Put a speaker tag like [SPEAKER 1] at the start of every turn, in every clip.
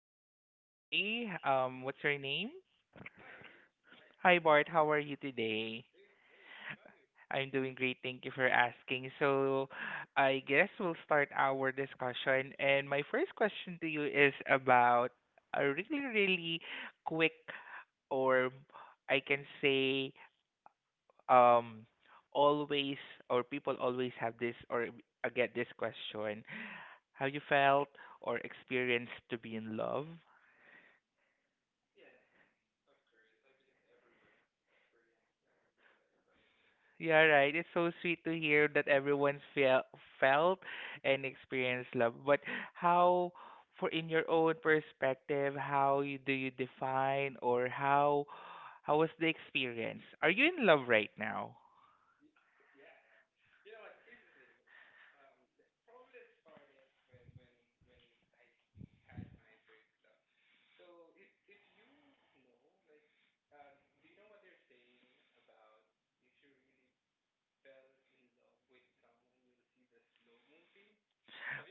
[SPEAKER 1] Roy. What's your name? Hi Bart, how are you today? I'm doing great, thank you for asking. So, I guess we'll start our discussion. And my first question to you is about a really, really quick, or I can say, um, always, or people always have this, or I get this question. Have you felt or experienced to be in love? Yeah, right. It's so sweet to hear that everyone's felt and experienced love. But how, for in your own perspective, how you, do you define or how was the experience? Are you in love right now?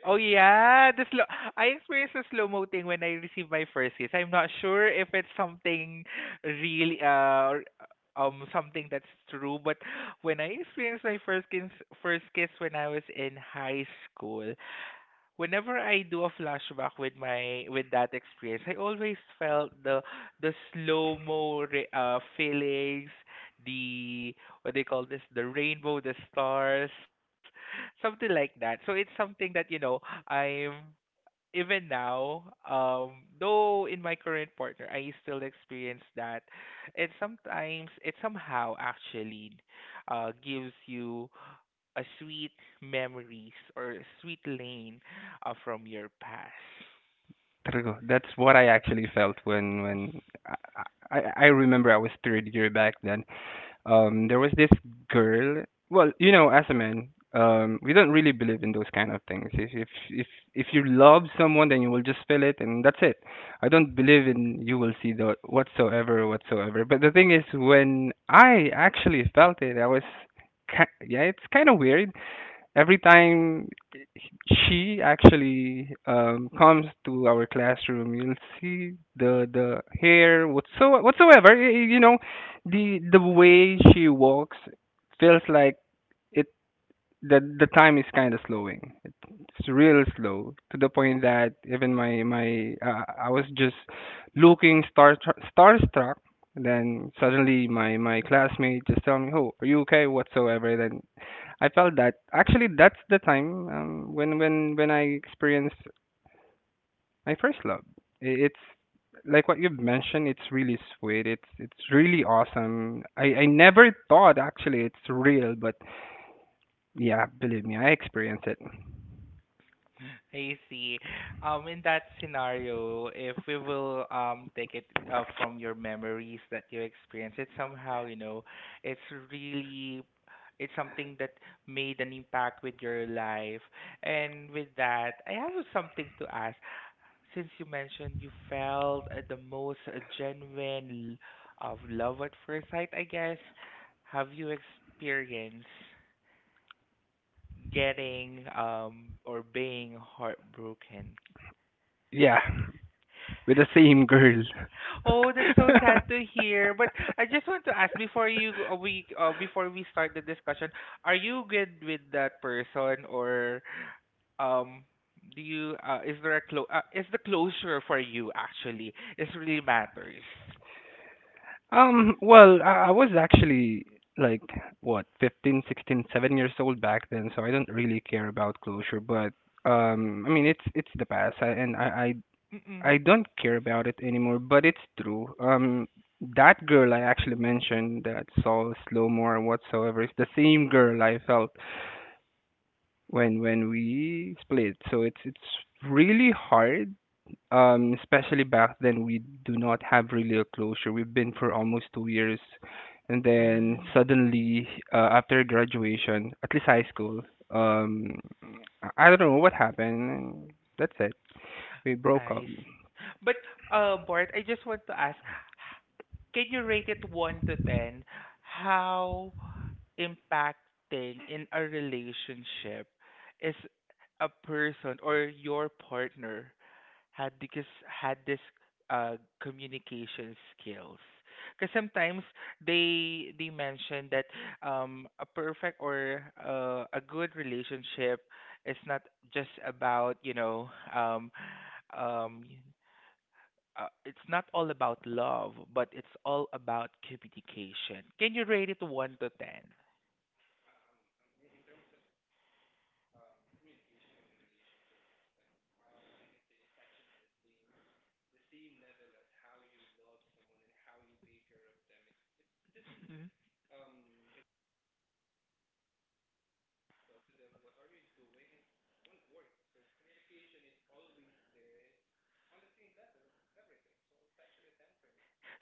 [SPEAKER 1] Oh yeah, the slow. I experienced the slow mo thing when I received my first kiss. I'm not sure if it's something really something that's true, but when I experienced my first kiss, when I was in high school, whenever I do a flashback with my with that experience, I always felt the slow mo feelings, the what they call this, the rainbow, the stars, something like that. So it's something that I'm even now, though in my current partner, I still experience that, and sometimes it somehow actually gives you a sweet memories or a sweet lane from your past.
[SPEAKER 2] True. That's what I actually felt when when I, I I remember I was third year back then. There was this girl. Well, as a man, we don't really believe in those kind of things. If you love someone, then you will just feel it, and that's it. I don't believe in you will see the whatsoever, whatsoever. But the thing is, when I actually felt it, I was, yeah, it's kind of weird every time she actually comes to our classroom, you'll see the hair whatsoever. The way she walks feels like it. The time is kind of slowing. It's real slow to the point that even my my I was just looking starstruck. Then suddenly my classmate just tell me, "Oh, are you okay?" Whatsoever. Then I felt that actually that's the time when I experienced my first love. It's like what you've mentioned. It's really sweet. It's really awesome. I never thought actually it's real, but yeah, believe me, I experienced it.
[SPEAKER 1] I see. In that scenario, if we will take it from your memories that you experienced, it somehow it's really it's something that made an impact with your life. And with that, I have something to ask since you mentioned you felt the most genuine of love at first sight, I guess, have you experienced getting or being heartbroken?
[SPEAKER 2] Yeah, with the same girl.
[SPEAKER 1] Oh, that's so sad to hear. But I just want to ask before we start the discussion, are you good with that person or um do you is there a is the closure for you actually is really matters?
[SPEAKER 2] Well, I was actually like, what, 15 16 7 years old back then, so I don't really care about closure, but I mean it's the past , and I don't care about it anymore, but it's true. That girl I actually mentioned that saw slow more or whatsoever is the same girl I felt when we split. So it's really hard. Especially back then, we do not have really a closure. We've been for almost 2 years, and then
[SPEAKER 1] Mm.
[SPEAKER 2] suddenly after graduation, at least high school, um, I don't know what happened. And that's it. We broke up.
[SPEAKER 1] I see. But Bart, I just want to ask, can you rate it 1 to 10 how impacting in a relationship is a person or your partner had because had this communication skills, because sometimes they mention that a perfect or a good relationship is not just about um um y- it's not all about love but it's all about communication. Can you rate it 1 to 10?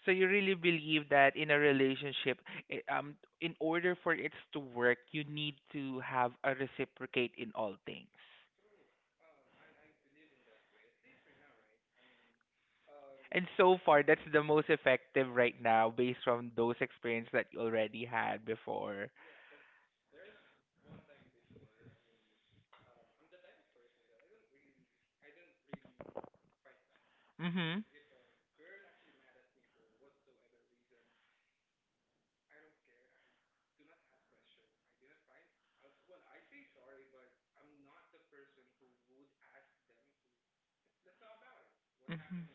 [SPEAKER 1] So you really believe that in a relationship, in order for it to work, you need to have a reciprocate in all things. And so far, that's the most effective right now, based from those experience that you already had before. Mhm. Mhm.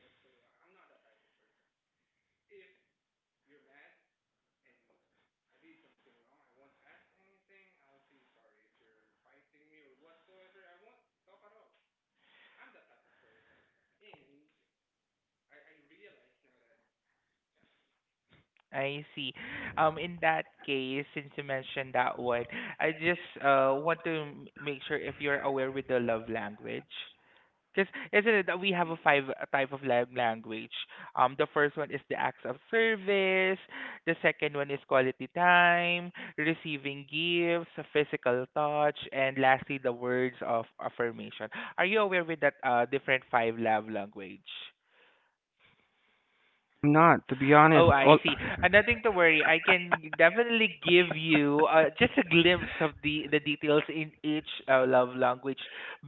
[SPEAKER 1] I see. In that case, since you mentioned that one, I just want to make sure if you're aware with the love language. Because isn't it that we have a five type of language? The first one is the acts of service. The second one is quality time, receiving gifts, physical touch, and lastly the words of affirmation. Are you aware with that different five love language?
[SPEAKER 2] Not, to be honest.
[SPEAKER 1] Oh, I
[SPEAKER 2] All
[SPEAKER 1] see. And nothing to worry. I can definitely give you just a glimpse of the details in each love language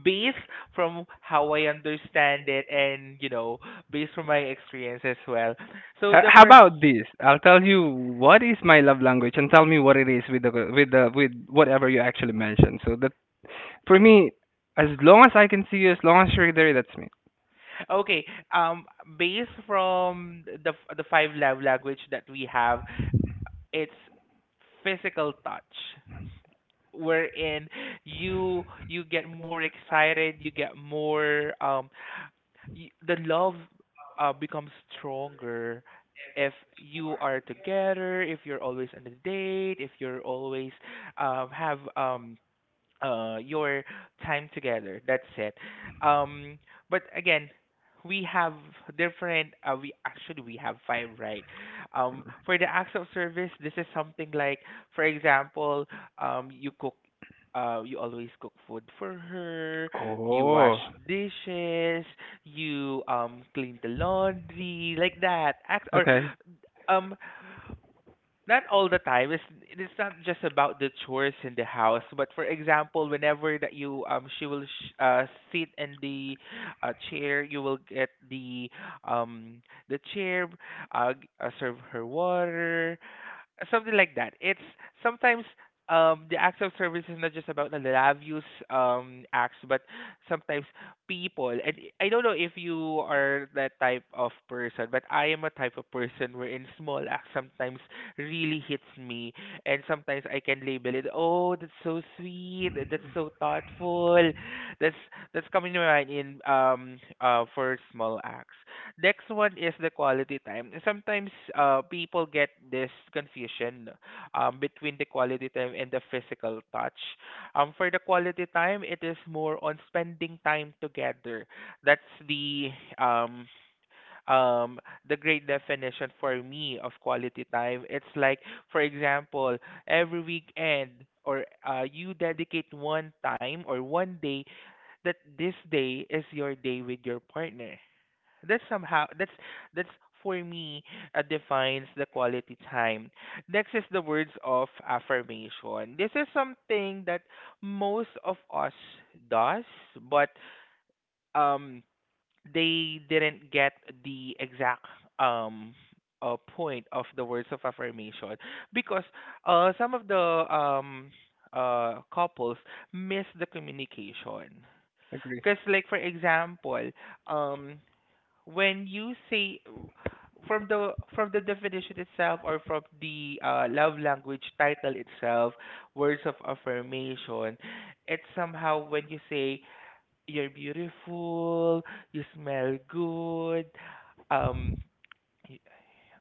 [SPEAKER 1] based from how I understand it and, based from my experience as well. So
[SPEAKER 2] H-
[SPEAKER 1] the
[SPEAKER 2] How
[SPEAKER 1] first,
[SPEAKER 2] about this? I'll tell you what is my love language, and tell me what it is with the with whatever you actually mentioned. So that for me, as long as I can see you, as long as you're there, that's me.
[SPEAKER 1] okay, um, based from the five love language that we have, it's physical touch wherein you get more excited, you get more the love becomes stronger if you are together, if you're always on a date, if you're always have your time together. That's it. um but again, we have different, we have five, right? For the acts of service, this is something like, for example, you cook, you always cook food for her, you wash
[SPEAKER 2] Oh,
[SPEAKER 1] dishes, you clean the laundry, like that act. Or
[SPEAKER 2] okay,
[SPEAKER 1] um not all the time. It's not just about the chores in the house, but for example, whenever that you she will sit in the chair, you will get the um chair, serve her water, something like that. It's sometimes, the acts of service is not just about the lavish acts, but sometimes people. And I don't know if you are that type of person, but I am a type of person wherein small acts sometimes really hits me, and sometimes I can label it. Oh, that's so sweet. That's so thoughtful. That's that's coming to mind in for small acts. Next one is the quality time. And sometimes people get this confusion, between the quality time and the physical touch. For the quality time, it is more on spending time together. That's the um, um, the great definition for me of quality time. It's like, for example, every weekend. Or you dedicate one time or one day that this day is your day with your partner. That's somehow, that's for me, defines the quality time. Next is the words of affirmation. This is something that most of us does, but um they didn't get the exact um point of the words of affirmation, because some of the couples miss the communication.
[SPEAKER 2] agree.
[SPEAKER 1] Because like, for example, um when you say, from the definition itself, or from the love language title itself, words of affirmation, it's somehow when you say, you're beautiful, you smell good, um y-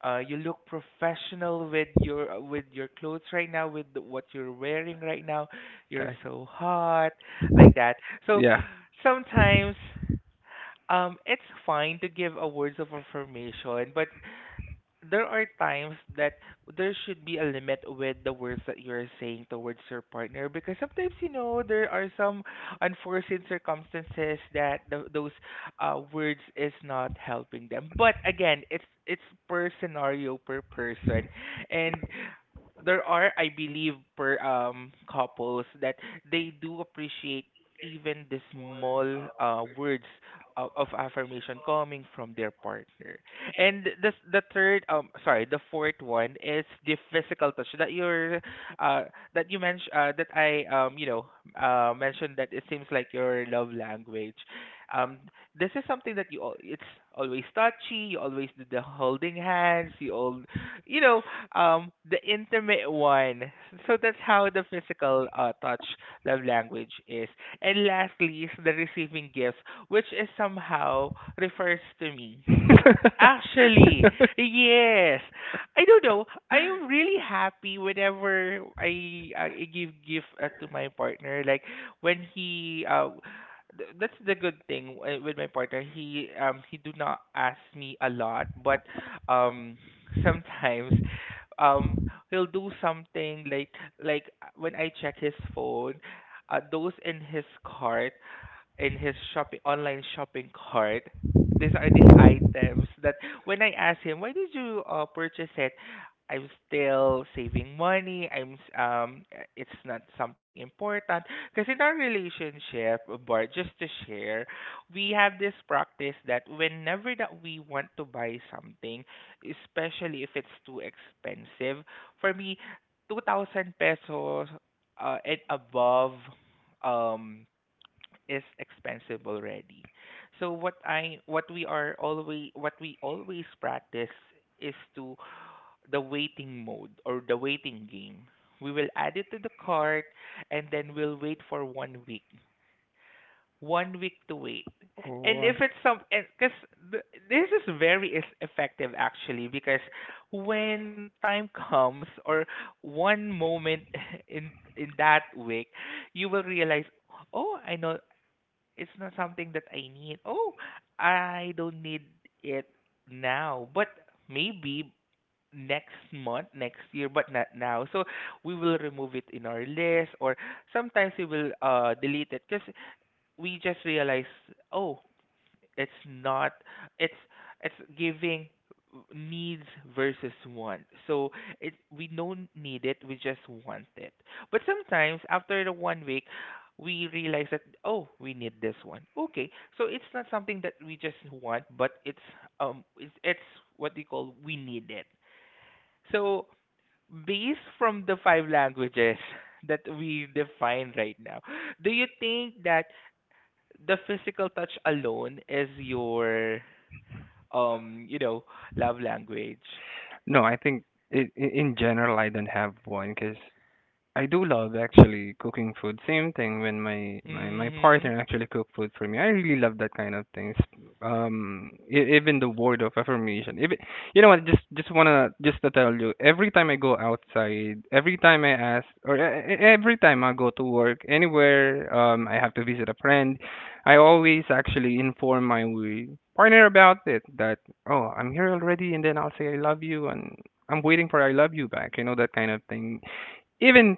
[SPEAKER 1] you look professional with your clothes right now, with what you're wearing right now, you're
[SPEAKER 2] Okay,
[SPEAKER 1] so hot, like that. So
[SPEAKER 2] yeah.
[SPEAKER 1] sometimes, it's fine to give a words of affirmation, but there are times that there should be a limit with the words that you're saying towards your partner, because sometimes you know there are some unforeseen circumstances that those words is not helping them. But again, it's per scenario, per person. And there are, I believe, per couples that they do appreciate even the small words of affirmation coming from their partner. And this the third, sorry, the fourth one is the physical touch that you're uh that you mentioned, that I you know mentioned that it seems like your love language. Um, this is something that it's always touchy. You always do the holding hands. You all you know The intimate one. So that's how the physical touch love language is. And lastly is the receiving gifts, which is somehow refers to me. Actually, yes. I don't know. I am really happy whenever I give gift to my partner. Like when he that's the good thing with my partner. He do not ask me a lot, but um sometimes um he'll do something like when I check his phone, those in his cart, in his shopping online shopping cart. These are these items that when I asked him, why did you purchase it? I'm still saving money. It's not something important. Because in our relationship, Bart, just to share, we have this practice that whenever that we want to buy something, especially if it's too expensive, for me, 2,000 pesos and above, um, is expensive already. So what we always practice is to the waiting mode or the waiting game. We will add it to the cart and then we'll wait for one week. One week to wait. And
[SPEAKER 2] Oh.
[SPEAKER 1] if it's some, because this is very is effective actually, because when time comes or one moment in that week, you will realize, oh, I know it's not something that I need. Oh, I don't need it now, but maybe next month, next year, but not now. So we will remove it in our list, or sometimes we will delete it because we just realize, oh, it's not it's it's giving needs versus want. So it, we don't need it, we just want it. But sometimes after the one week, we realize that, oh, we need this one. Okay. So it's not something that we just want, but it's, it's what they call we need it. So, based from the five languages that we define right now, do you think that the physical touch alone is your, um, you know, love language.
[SPEAKER 2] No, I think in general I don't have one because I do love actually cooking food. Same thing when my
[SPEAKER 1] Mhm.
[SPEAKER 2] partner actually cook food for me. I really love that kind of things. Even the word of affirmation. Even you know what? Just to tell you. Every time I go outside, every time I ask, or every time I go to work, anywhere, I have to visit a friend. I always actually inform my partner about it. That, "Oh, I'm here already," and then I'll say I love you, and I'm waiting for I love you back, that kind of thing, even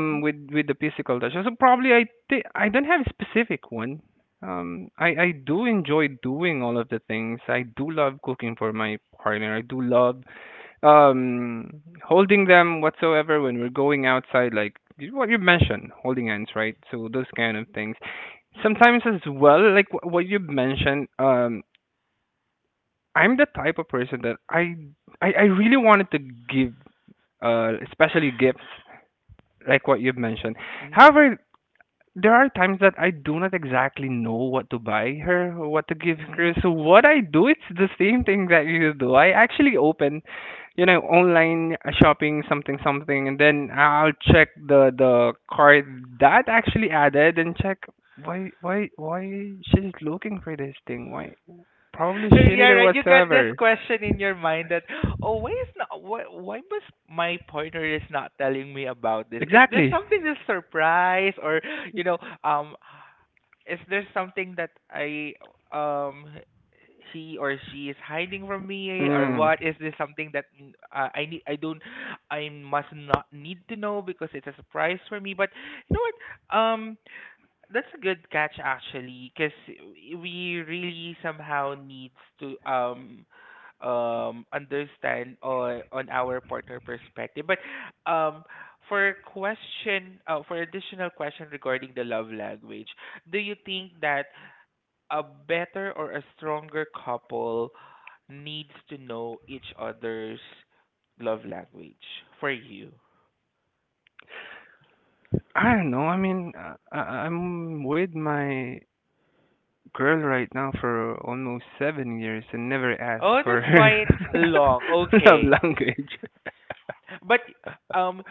[SPEAKER 1] Mhm.
[SPEAKER 2] with with the physical touch, so probably I think I don't have a specific one. I do enjoy doing all of the things. I do love cooking for my partner. I do love um holding them whatsoever when we're going outside, like what you mentioned, holding hands, right? So those kind of things, sometimes as well, like what you mentioned. I'm the type of person that I really wanted to give especially gifts, like what you've mentioned.
[SPEAKER 1] Mhm.
[SPEAKER 2] However, there are times that I do not exactly know what to buy her, or what to give
[SPEAKER 1] Mhm.
[SPEAKER 2] her. So what I do, it's the same thing that you do. I actually open, online shopping something something, and then I'll check the cart that actually added and check why she's looking for this thing. Why probably she
[SPEAKER 1] Yeah,
[SPEAKER 2] needed
[SPEAKER 1] right. You got this
[SPEAKER 2] whatsoever.
[SPEAKER 1] question in your mind that, oh, why is not why was my partner is not telling me about this? Is this
[SPEAKER 2] Exactly.
[SPEAKER 1] something that's surprise or you know um is there something that I um he or she is hiding from me? Or
[SPEAKER 2] Mm.
[SPEAKER 1] what is this? Something that I need? I must not need to know because it's a surprise for me. But you know what that's a good catch actually, because we really somehow needs to understand on our partner perspective. But um for question for additional question regarding the love language, do you think that a better or a stronger couple needs to know each other's love language for you?
[SPEAKER 2] I don't know. I mean, I'm with my girl right now for almost 7 years and never asked
[SPEAKER 1] Oh,
[SPEAKER 2] for
[SPEAKER 1] that's
[SPEAKER 2] her
[SPEAKER 1] quite long.
[SPEAKER 2] love
[SPEAKER 1] Okay.
[SPEAKER 2] language.
[SPEAKER 1] But um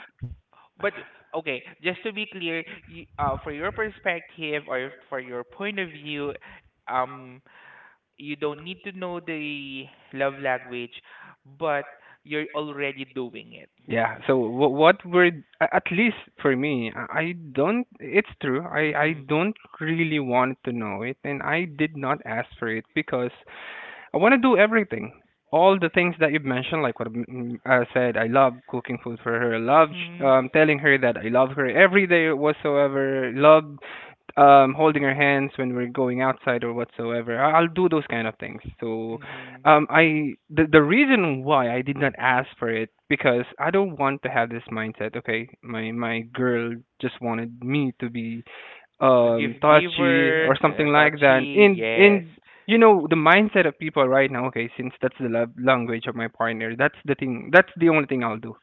[SPEAKER 1] But okay, just to be clear, you, for your perspective or for your point of view, um, you don't need to know the love language, but you're already doing it.
[SPEAKER 2] Yeah, so what were at least for me, I don't. It's true. I
[SPEAKER 1] Mhm.
[SPEAKER 2] don't really want to know it, and I did not ask for it because I want to do everything. All the things that you've mentioned, like what, I said, I love cooking food for her. I love
[SPEAKER 1] Mhm.
[SPEAKER 2] telling her that I love her every day whatsoever. Love holding her hands when we're going outside or whatsoever. I'll do those kind of things. So,
[SPEAKER 1] Mhm.
[SPEAKER 2] I the reason why I did not ask for it because I don't want to have this mindset. Okay, my girl just wanted me to be
[SPEAKER 1] A gift
[SPEAKER 2] touchy
[SPEAKER 1] giver,
[SPEAKER 2] or something
[SPEAKER 1] a
[SPEAKER 2] like that,
[SPEAKER 1] touchy,
[SPEAKER 2] and
[SPEAKER 1] yes.
[SPEAKER 2] and you know the mindset of people right now. Okay, since that's the love language of my partner, that's the thing, that's the only thing I'll do.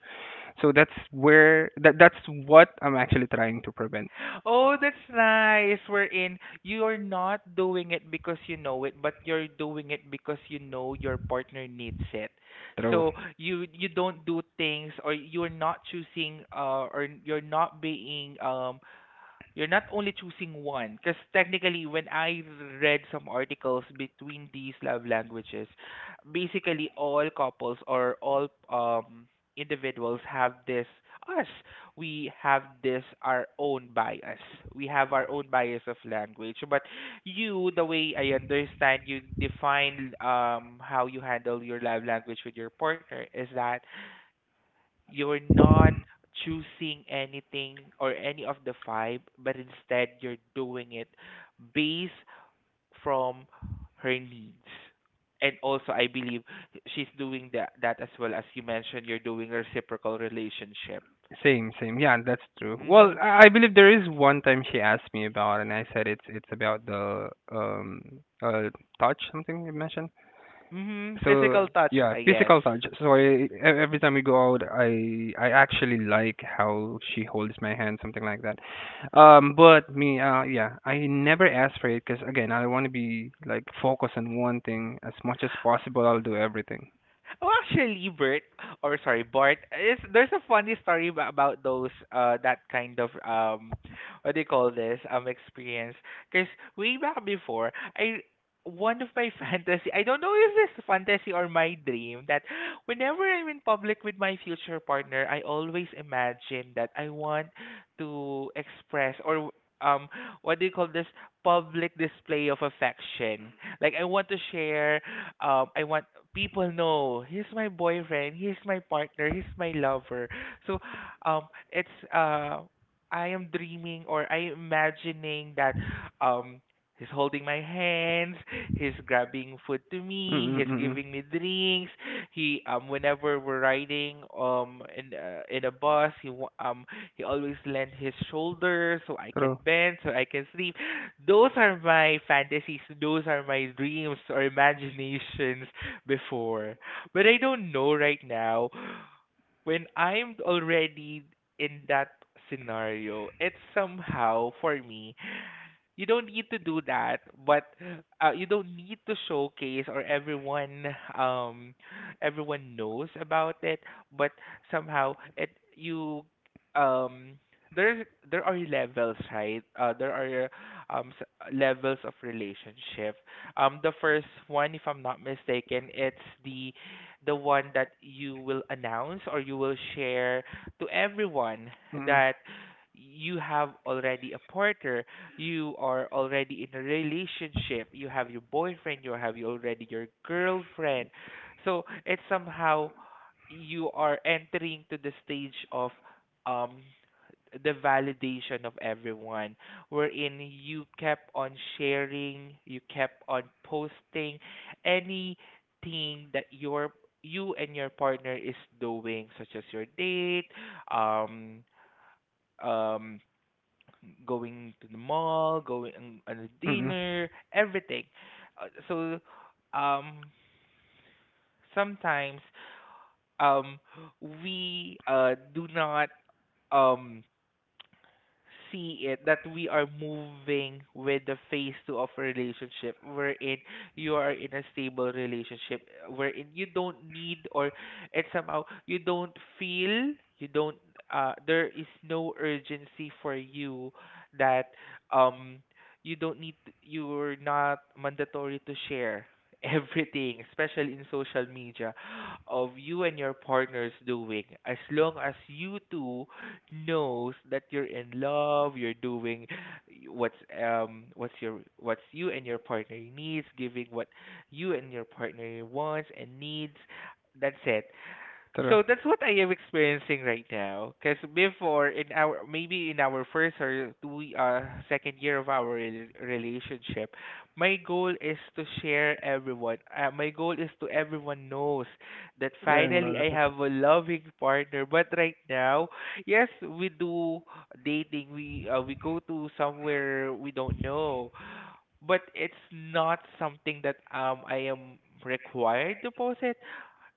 [SPEAKER 2] So that's where that's what I'm actually trying to prevent
[SPEAKER 1] Oh, that's nice. Wherein you're not doing it because you know it, but you're doing it because you know your partner needs it.
[SPEAKER 2] through.
[SPEAKER 1] So you don't do things, or you're not choosing, or you're not being you're not only choosing one, because technically, when I read some articles between these love languages, basically all couples or all individuals have this us we have this our own bias, we have our own bias of language. But you, the way I understand you define how you handle your love language with your partner, is that you're not choosing anything or any of the five, but instead you're doing it based from her needs. And also, I believe she's doing that, as well. As you mentioned, you're doing reciprocal relationship.
[SPEAKER 2] Same same, yeah, that's true. Well,
[SPEAKER 1] Mm-hmm.
[SPEAKER 2] I believe there is one time she asked me about, and I said it's about the uh touch, something you mentioned.
[SPEAKER 1] Mm-hmm. Physical
[SPEAKER 2] So
[SPEAKER 1] touch,
[SPEAKER 2] yeah,
[SPEAKER 1] I guess.
[SPEAKER 2] physical touch. So I every time we go out, I actually like how she holds my hand, something like that. But me, yeah, I never ask for it because again, I want to be like focused on one thing as much as possible. I'll do everything.
[SPEAKER 1] Oh, actually, Bert, or sorry, Bart, is there's a funny story about those that kind of what do you call this experience? Because way back before, I one of my fantasy, I don't know if this fantasy or my dream that whenever I'm in public with my future partner, I always imagine that I want to express or um what do you call this, public display of affection. Like I want to share, I want people know he's my boyfriend, he's my partner, he's my lover. So it's I am dreaming or I imagining that, um, he's holding my hands, he's grabbing food to
[SPEAKER 2] Mm
[SPEAKER 1] me,
[SPEAKER 2] mm
[SPEAKER 1] he's
[SPEAKER 2] mm mm.
[SPEAKER 1] giving me drinks. He whenever we're riding in a bus, he always lends his shoulder so I
[SPEAKER 2] True.
[SPEAKER 1] can bend, so I can sleep. Those are my fantasies, those are my dreams or imaginations before. But I don't know right now when I'm already in that scenario. It's somehow for me, you don't need to do that, but you don't need to showcase or everyone everyone knows about it. But somehow it you um there's there are levels, right? There are um s- levels of relationship. The first one, if I'm not mistaken, it's the the one that you will announce or you will share to everyone
[SPEAKER 2] Mm mm
[SPEAKER 1] that you have already a partner, you are already in a relationship, you have your boyfriend, you have you already your girlfriend. So it's somehow you are entering to the stage of um the validation of everyone, wherein you kept on sharing, you kept on posting anything that your you and your partner is doing, such as your date, um um going to the mall, going on a
[SPEAKER 2] mm mm.
[SPEAKER 1] dinner, everything. Uh, so, um, sometimes um we do not um see it that we are moving with the phase two of a relationship, wherein you are in a stable relationship, wherein you don't need, or and somehow you don't feel, you don't there is no urgency for you that um you don't need you're not mandatory to share everything, especially in social media, of you and your partners doing, as long as you two knows that you're in love, you're doing what's what's your what's you and your partner needs, giving what you and your partner wants and needs. That's it.
[SPEAKER 2] True.
[SPEAKER 1] So that's what I am experiencing right now. Because before, in our maybe in our first or two, second year of our relationship, my goal is to share everyone. My goal is to everyone knows that
[SPEAKER 2] Yeah, no,
[SPEAKER 1] finally I
[SPEAKER 2] that's not so.
[SPEAKER 1] have a loving partner. But right now, yes, we do dating. We go to somewhere we don't know, but it's not something that I am required to post it.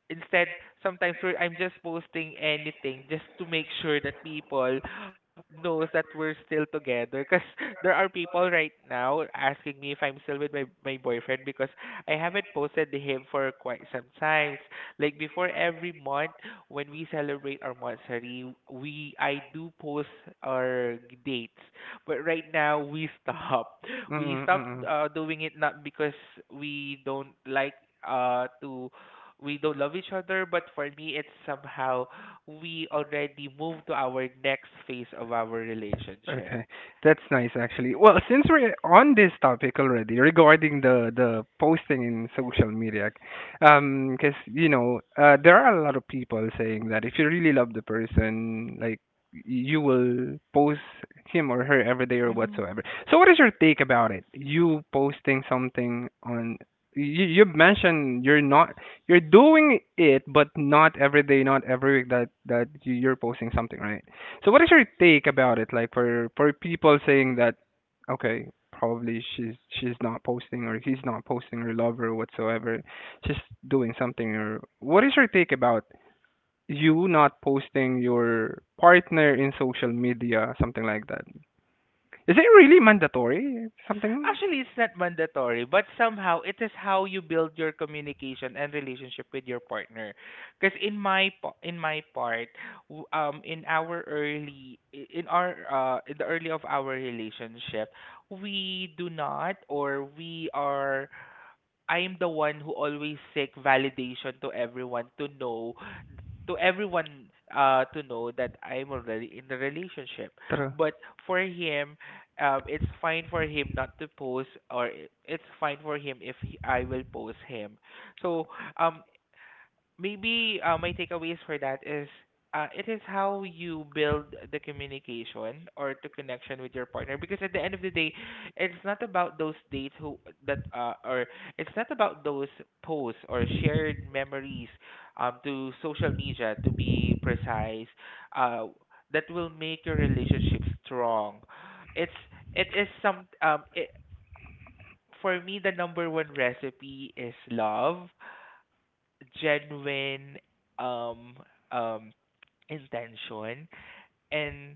[SPEAKER 1] Instead, sometimes I'm just posting anything just to make sure that people knows that we're still together, because there are people right now asking me if I'm still with my boyfriend, because I haven't posted to him for quite some times. Like before, every month when we celebrate our monthsary, we I do post our dates. But right now we stop
[SPEAKER 2] Mm
[SPEAKER 1] we
[SPEAKER 2] mm
[SPEAKER 1] stopped
[SPEAKER 2] mm mm.
[SPEAKER 1] doing it, not because we don't like to we don't love each other, but for me it's somehow we already moved to our next phase of our relationship.
[SPEAKER 2] Okay, that's nice actually. Well, since we're on this topic already regarding the posting in social media, because there are a lot of people saying that if you really love the person, like you will post him or her every day or whatsoever. So, what is your take about it? You posting something on you mentioned you're not, you're doing it, but not every day, not every week, that you're posting something, right? So what is your take about it? Like, for people saying that, okay, probably she's not posting, or he's not posting her lover whatsoever, she's doing something. Or what is your take about you not posting your partner in social media, something like that? Is it really mandatory? Something?
[SPEAKER 1] Actually, it's not mandatory, but somehow it is how you build your communication and relationship with your partner. Because in my part, in our in our in the early of our relationship, we do not, or we are, I am the one who always seek validation to everyone to know to everyone to know that I'm already in the relationship.
[SPEAKER 2] True,
[SPEAKER 1] But for him, it's fine for him not to post, or it's fine for him if he, I will post him. So um, maybe my takeaways for that is it is how you build the communication or the connection with your partner, because at the end of the day it's not about those dates who that or it's not about those posts or shared memories to social media, to be precise, uh that will make your relationship strong. It's it is some it, for me the number one recipe is love, genuine um um intention, and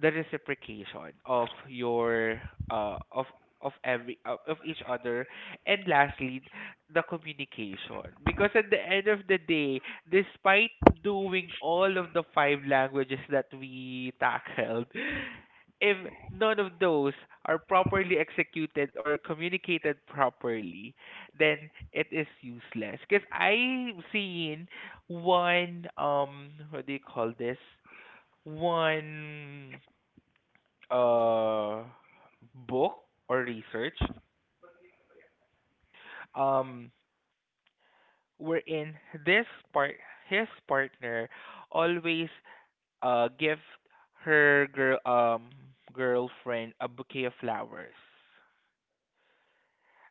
[SPEAKER 1] the reciprocation of your uh of of every of each other, and lastly the communication, because at the end of the day, despite doing all of the five languages that we tackled, if none of those are properly executed or communicated properly, then it is useless. Because I've seen one what do you call this, one uh book or research um wherein this part, his partner always give her girlfriend a bouquet of flowers.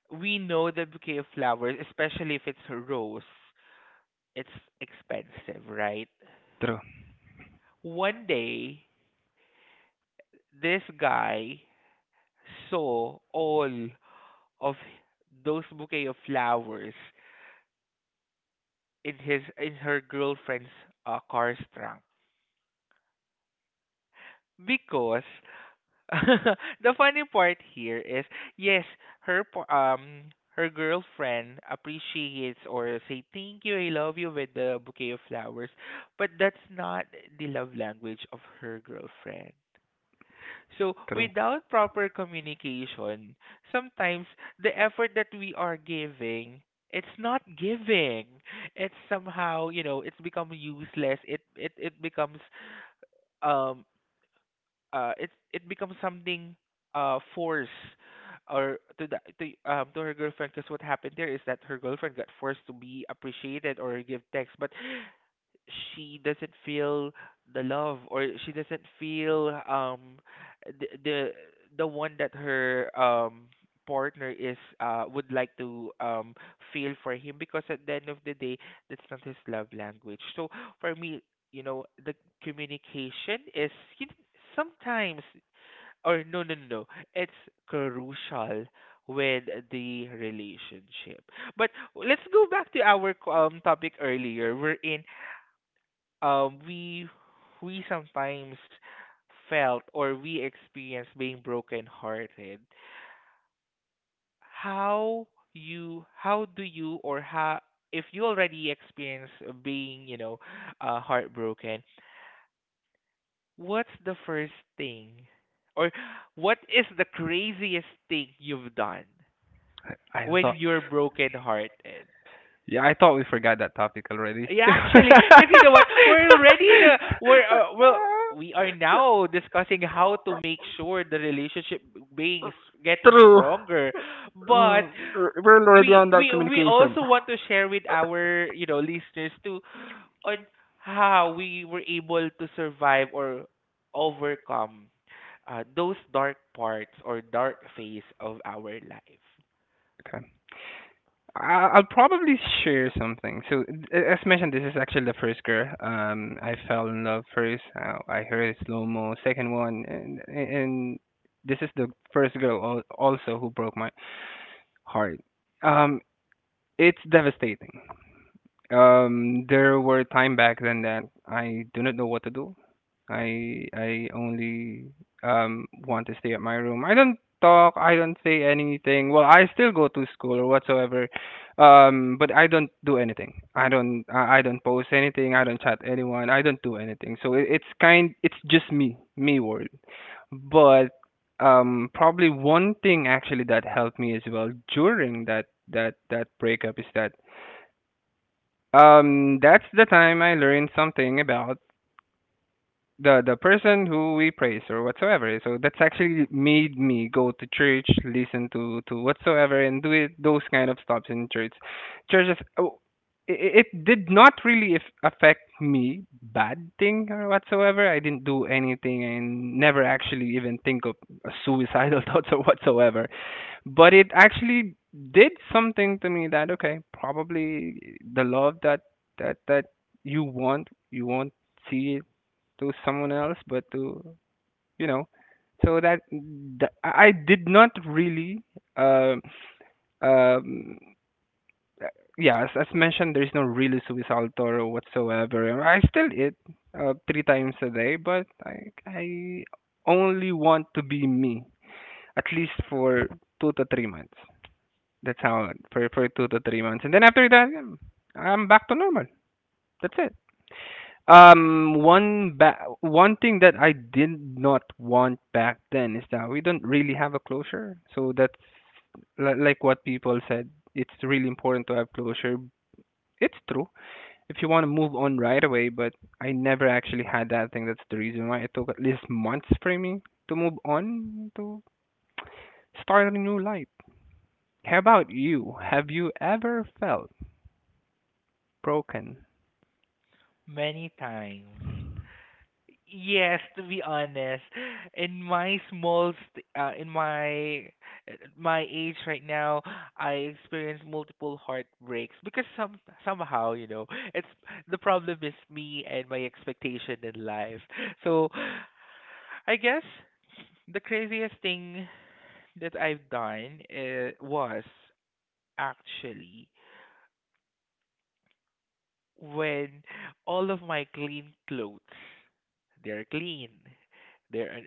[SPEAKER 1] We know the bouquet of flowers, especially if it's a rose, it's expensive, right?
[SPEAKER 2] true,
[SPEAKER 1] One day this guy saw all of those bouquet of flowers in his in her girlfriend's car's trunk, because the funny part here is, yes, her par- um her girlfriend appreciates or say thank you I love you with the bouquet of flowers, but that's not the love language of her girlfriend. So,
[SPEAKER 2] true.
[SPEAKER 1] without proper communication, sometimes the effort that we are giving, it's not giving. It's somehow, you know, it's become useless. It becomes um it becomes something force or to the to her girlfriend, because what happened there is that her girlfriend got forced to be appreciated or give text, but she doesn't feel the love, or she doesn't feel the the, the one that her partner is would like to feel for him, because at the end of the day that's not his love language. So for me, you know, the communication is, you know, sometimes, or no no no no, it's crucial with the relationship. But let's go back to our topic earlier. Uh, we we sometimes felt or we experienced being brokenhearted. How how do you, or how, if you already experience being, you know, heartbroken, what's the first thing, or what is the craziest thing you've done
[SPEAKER 2] I
[SPEAKER 1] when
[SPEAKER 2] thought,
[SPEAKER 1] you're brokenhearted?
[SPEAKER 2] yeah, I thought we forgot that topic already.
[SPEAKER 1] Yeah, actually, because you know what, we're already in a we're well, we are now discussing how to make sure the relationship getting stronger, but
[SPEAKER 2] We're, we're-
[SPEAKER 1] we also want to share with our, you know, listeners too on how we were able to survive or overcome those dark parts or dark phase of our life.
[SPEAKER 2] okay. I'll probably share something. So, as mentioned, this is actually the first girl. I fell in love first. I heard slow mo. Second one, and this is the first girl also who broke my heart. Um, it's devastating. There were time back then that I do not know what to do. I only want to stay at my room. I don't talk, I don't say anything. Well, I still go to school or whatsoever. But I don't do anything. I don't post anything, I don't chat anyone, I don't do anything. So it, it's kind it's just me, me world. But probably one thing actually that helped me as well during that breakup is that that's the time I learned something about the person who we praise or whatsoever. So that's actually made me go to church, listen to whatsoever, and do it, those kind of stops in church. Churches, oh, it did not really if, affect me bad thing or whatsoever. I didn't do anything and never actually even think of a suicidal thoughts or whatsoever. But it actually did something to me that okay, probably the love that you want, you won't see to someone else, but to you know, so that I did not really. um um, uh, yeah, as mentioned, there is no really suicidal Toro whatsoever. I still eat three times a day, but I only want to be me, at least for 2 to 3 months. That's how, for 2 to 3 months. And then after that, I'm back to normal. That's it. One thing that I did not want back then is that we don't really have a closure. So that's like what people said. It's really important to have closure. It's true if you want to move on right away, but I never actually had that thing. That's the reason why it took at least months for me to move on to start a new life. How about you? Have you ever felt broken?
[SPEAKER 1] Many times. Yes, to be honest, in my my age right now, I experience multiple heartbreaks because somehow, you know, it's the problem is me and my expectation in life. So, I guess the craziest thing that I've done was actually when all of my clean clothes, they're clean, They're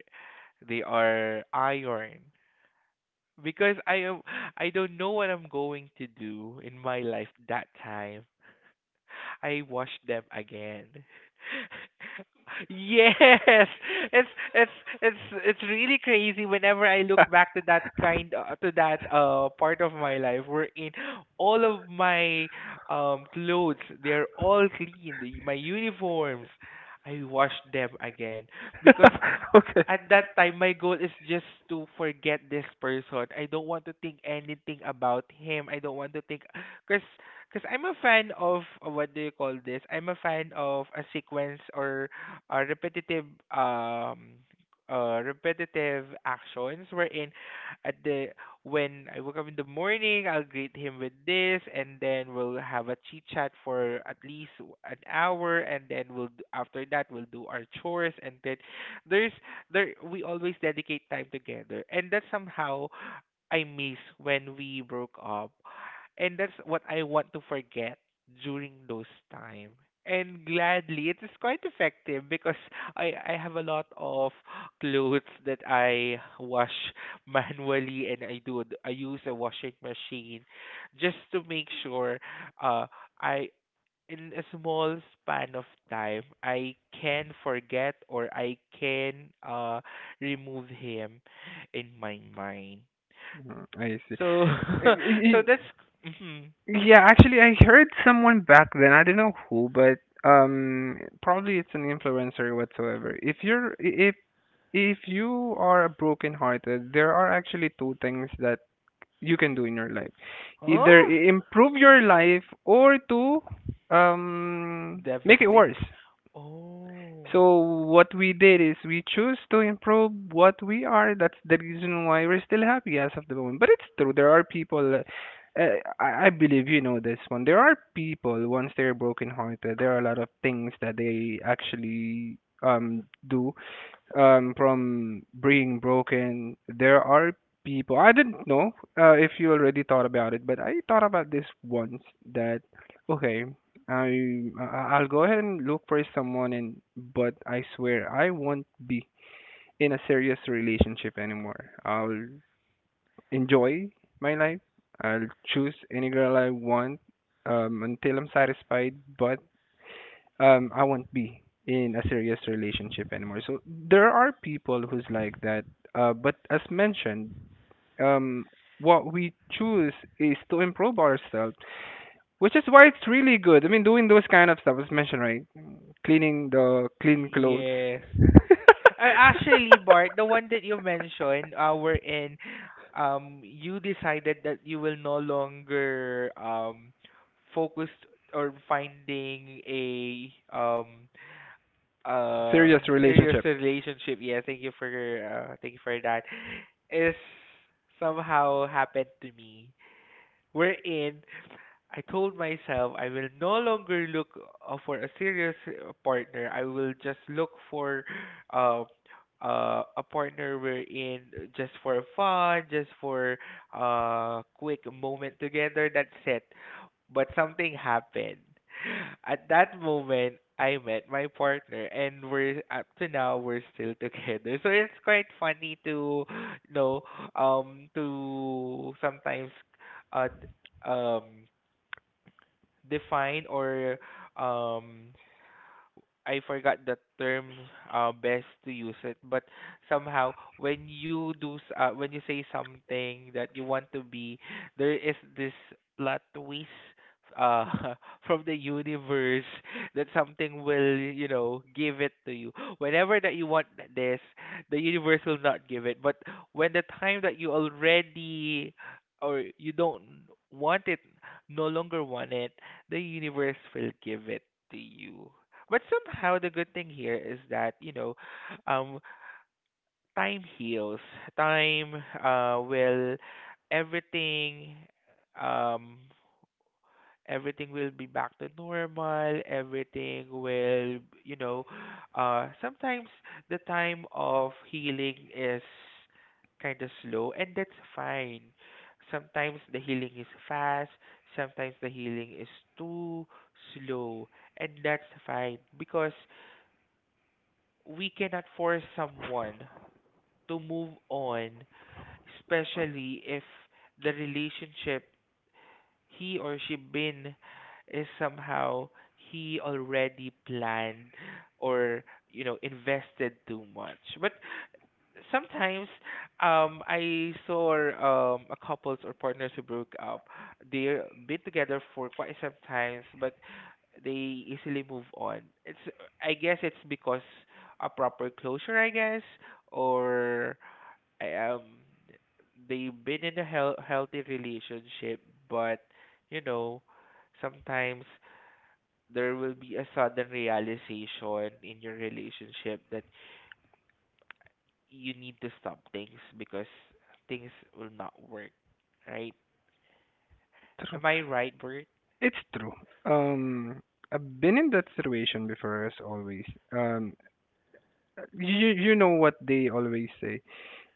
[SPEAKER 1] they are iron. Because I am, I don't know what I'm going to do in my life that time, I watched them again. Yes, it's it's really crazy whenever I look back to that kind to that part of my life wherein all of my clothes they're all clean, my uniforms. I washed them again because
[SPEAKER 2] Okay.
[SPEAKER 1] at that time my goal is just to forget this person. I don't want to think anything about him. I don't want to think cuz cuz I'm a fan of what do you call this? I'm a fan of a sequence or a repetitive actions wherein at the when I wake up in the morning, I'll greet him with this, and then we'll have a chit chat for at least an hour, and then after that we'll do our chores, and then there's there we always dedicate time together, and that's somehow I miss when we broke up, and that's what I want to forget during those time. And gladly it is quite effective because I have a lot of clothes that I wash manually, and I use a washing machine just to make sure, uh I in a small span of time I can forget, or I can remove him in my mind.
[SPEAKER 2] Mm, I
[SPEAKER 1] So
[SPEAKER 2] see.
[SPEAKER 1] so that's hmm
[SPEAKER 2] Yeah, actually, I heard someone back then. I don't know who, but probably it's an influencer or whatsoever. If you are broken-hearted, there are actually two things that you can do in your life. Either
[SPEAKER 1] oh,
[SPEAKER 2] improve your life or to make it
[SPEAKER 1] devastating.
[SPEAKER 2] worse.
[SPEAKER 1] Oh,
[SPEAKER 2] So what we did is we choose to improve what we are. That's the reason why we're still happy as of the moment. But it's true. There are people. I believe you know this one. There are people once they're brokenhearted. There are a lot of things that they actually do from being broken, there are people. I didn't know if you already thought about it, but I thought about this once that okay, I'll go ahead and look for someone, and but I swear I won't be in a serious relationship anymore. I'll enjoy my life. I'll choose any girl I want until I'm satisfied, but I won't be in a serious relationship anymore. So there are people who's like that. But as mentioned, um, what we choose is to improve ourselves, which is why it's really good. I mean, doing those kind of stuff, as mentioned, right? Cleaning the clean clothes.
[SPEAKER 1] yes. Actually, Bart, the one that you mentioned, wherein you decided that you will no longer focus or finding a uh
[SPEAKER 2] Serious
[SPEAKER 1] serious
[SPEAKER 2] relationship.
[SPEAKER 1] relationship, yeah. Thank you for thank you for that, is somehow happened to me. We're in. I told myself I will no longer look for a serious partner. I will just look for uh, a partner wherein just for fun, just for a quick moment together. That's it. But something happened. At that moment, I met my partner, and we're up to now we're still together. So it's quite funny to you know to sometimes uh d- um define or um I forgot the term best to use it, but somehow when you when you say something that you want to be, there is this plot twist uh from the universe that something will, you know, give it to you whenever that you want this the universe will not give it. But when the time that you already, or you don't want it, no longer want it, the universe will give it to you. But somehow the good thing here is that, you know, um time heals. Time will everything um Everything will be back to normal. Everything will, you know, sometimes the time of healing is kind of slow, and that's fine. Sometimes the healing is fast, sometimes the healing is too slow, and that's fine because we cannot force someone to move on, especially if the relationship he or she been is somehow he already planned, or, you know, invested too much. But sometimes I saw a couples or partners who broke up. They're been together for quite some times, but they easily move on. It's, I guess it's because a proper closure, I guess, or I, um they've been in a healthy relationship, but, you know, sometimes there will be a sudden realization in your relationship that you need to stop things because things will not work, right?
[SPEAKER 2] True.
[SPEAKER 1] Am I right, Bert?
[SPEAKER 2] It's true. Um, I've been in that situation before, as always. Um, you know what they always say,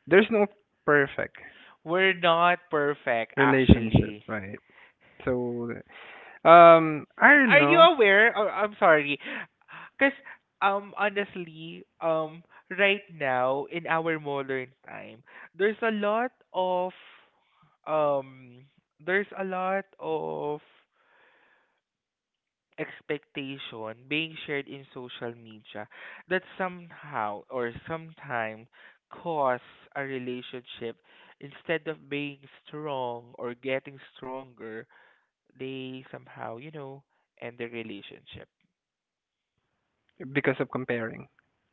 [SPEAKER 2] there's no perfect
[SPEAKER 1] We're not perfect,
[SPEAKER 2] relationship,
[SPEAKER 1] actually.
[SPEAKER 2] right? So, I don't
[SPEAKER 1] Are you
[SPEAKER 2] know.
[SPEAKER 1] aware? Oh, I'm sorry. Because, honestly, right now, in our modern time, there's a lot of, um, there's a lot of expectation being shared in social media that somehow or sometime cause a relationship, instead of being strong or getting stronger, they somehow, you know, end the relationship.
[SPEAKER 2] Because of comparing,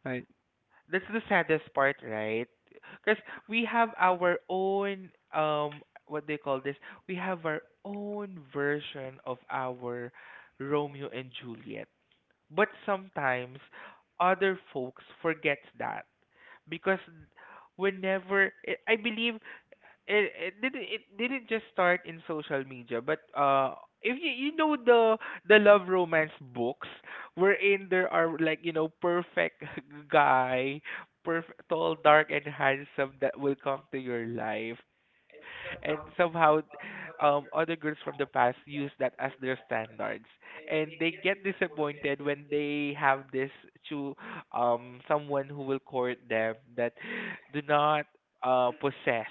[SPEAKER 2] right?
[SPEAKER 1] That's the saddest part, right? Because we have our own, what they call this, we have our own version of our Romeo and Juliet. But sometimes other folks forgets that because whenever I believe it didn't, it didn't just start in social media, but if you, you know, the love romance books wherein there are, like, you know, perfect guy, perfect tall, dark and handsome that will come to your life, and somehow other girls from the past use that as their standards, and they get disappointed when they have this to someone who will court them that do not possess,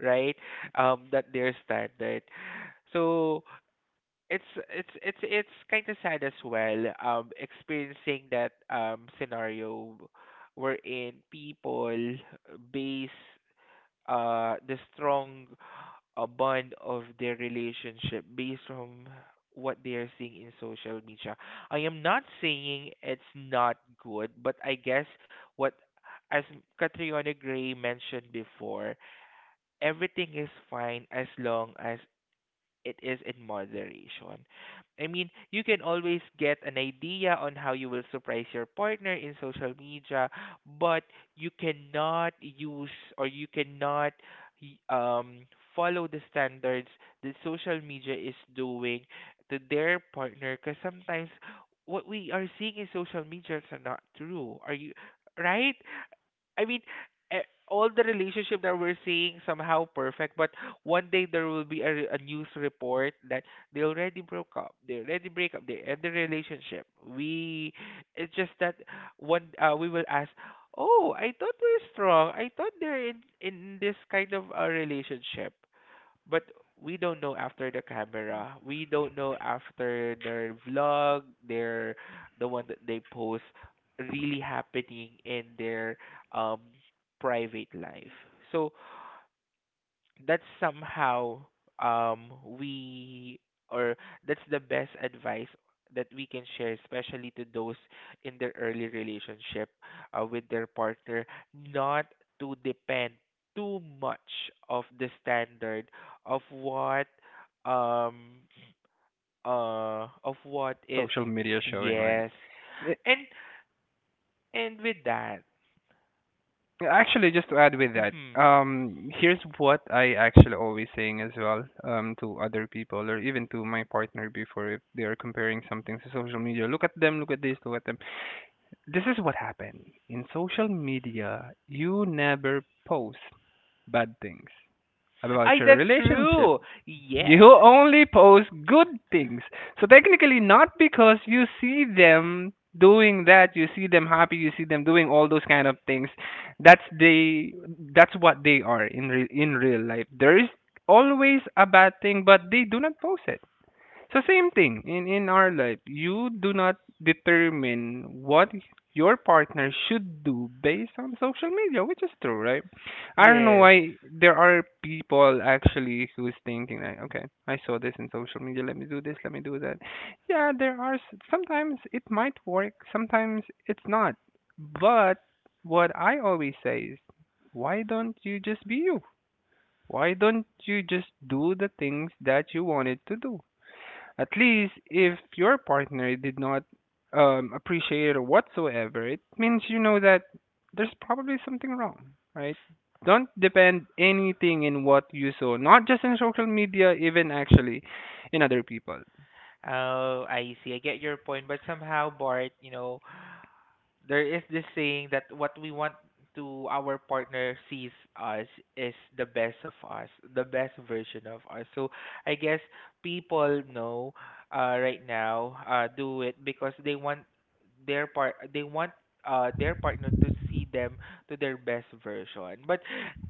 [SPEAKER 1] right? That they're standard. So it's kind of sad as well. Experiencing that scenario wherein people base the strong bond of their relationship based from what they are seeing in social media. I am not saying it's not good, but I guess what, as Catriona Gray mentioned before, everything is fine as long as it is in moderation. I mean, you can always get an idea on how you will surprise your partner in social media, but you cannot use, or you cannot y- um follow the standards that social media is doing to their partner, because sometimes what we are seeing in social media is not true. Are you right? I mean, eh, all the relationship that we're seeing somehow perfect, but one day there will be a, a news report that they already broke up. They already break up. They end the relationship. We, it's just that one. We will ask, oh, I thought we're strong. I thought they're in this kind of a relationship, but we don't know after the camera. We don't know after their vlog, their the one that they post really happening in their um private life. So that's somehow we or that's the best advice that we can share, especially to those in their early relationship with their partner, not to depend too much of the standard of what um of what is
[SPEAKER 2] Social media showing, right?
[SPEAKER 1] yes.
[SPEAKER 2] Eh,
[SPEAKER 1] and and with that,
[SPEAKER 2] Actually, just to add with that,
[SPEAKER 1] mhm.
[SPEAKER 2] here's what I actually always saying as well, to other people or even to my partner before if they are comparing something to social media. Look at them, look at this, look at them. This is what happened in social media. You never post bad things about
[SPEAKER 1] I
[SPEAKER 2] your
[SPEAKER 1] that's
[SPEAKER 2] relationship.
[SPEAKER 1] true. Yes,
[SPEAKER 2] You only post good things. So technically, not because you see them doing that, you see them happy, you see them doing all those kind of things. That's they. That's what they are in in real life. There is always a bad thing, but they do not post it. So same thing in our life. You do not determine what your partner should do based on social media, which is true, right? I don't know
[SPEAKER 1] yes.
[SPEAKER 2] why there are people actually who's thinking like, okay, I saw this in social media, let me do this, let me do that. Yeah, there are sometimes it might work, sometimes it's not. But what I always say is, why don't you just be you? Why don't you just do the things that you wanted to do? At least if your partner did not appreciate it whatsoever, it means you know that there's probably something wrong, right? Don't depend anything in what you saw, not just in social media, even actually in other people.
[SPEAKER 1] Oh, I see. I get your point, but somehow, Bart, you know, there is this saying that what we want to our partner sees us is the best of us, the best version of us. So I guess people know, right now, do it because they want their part they want their partner to see them to their best version. But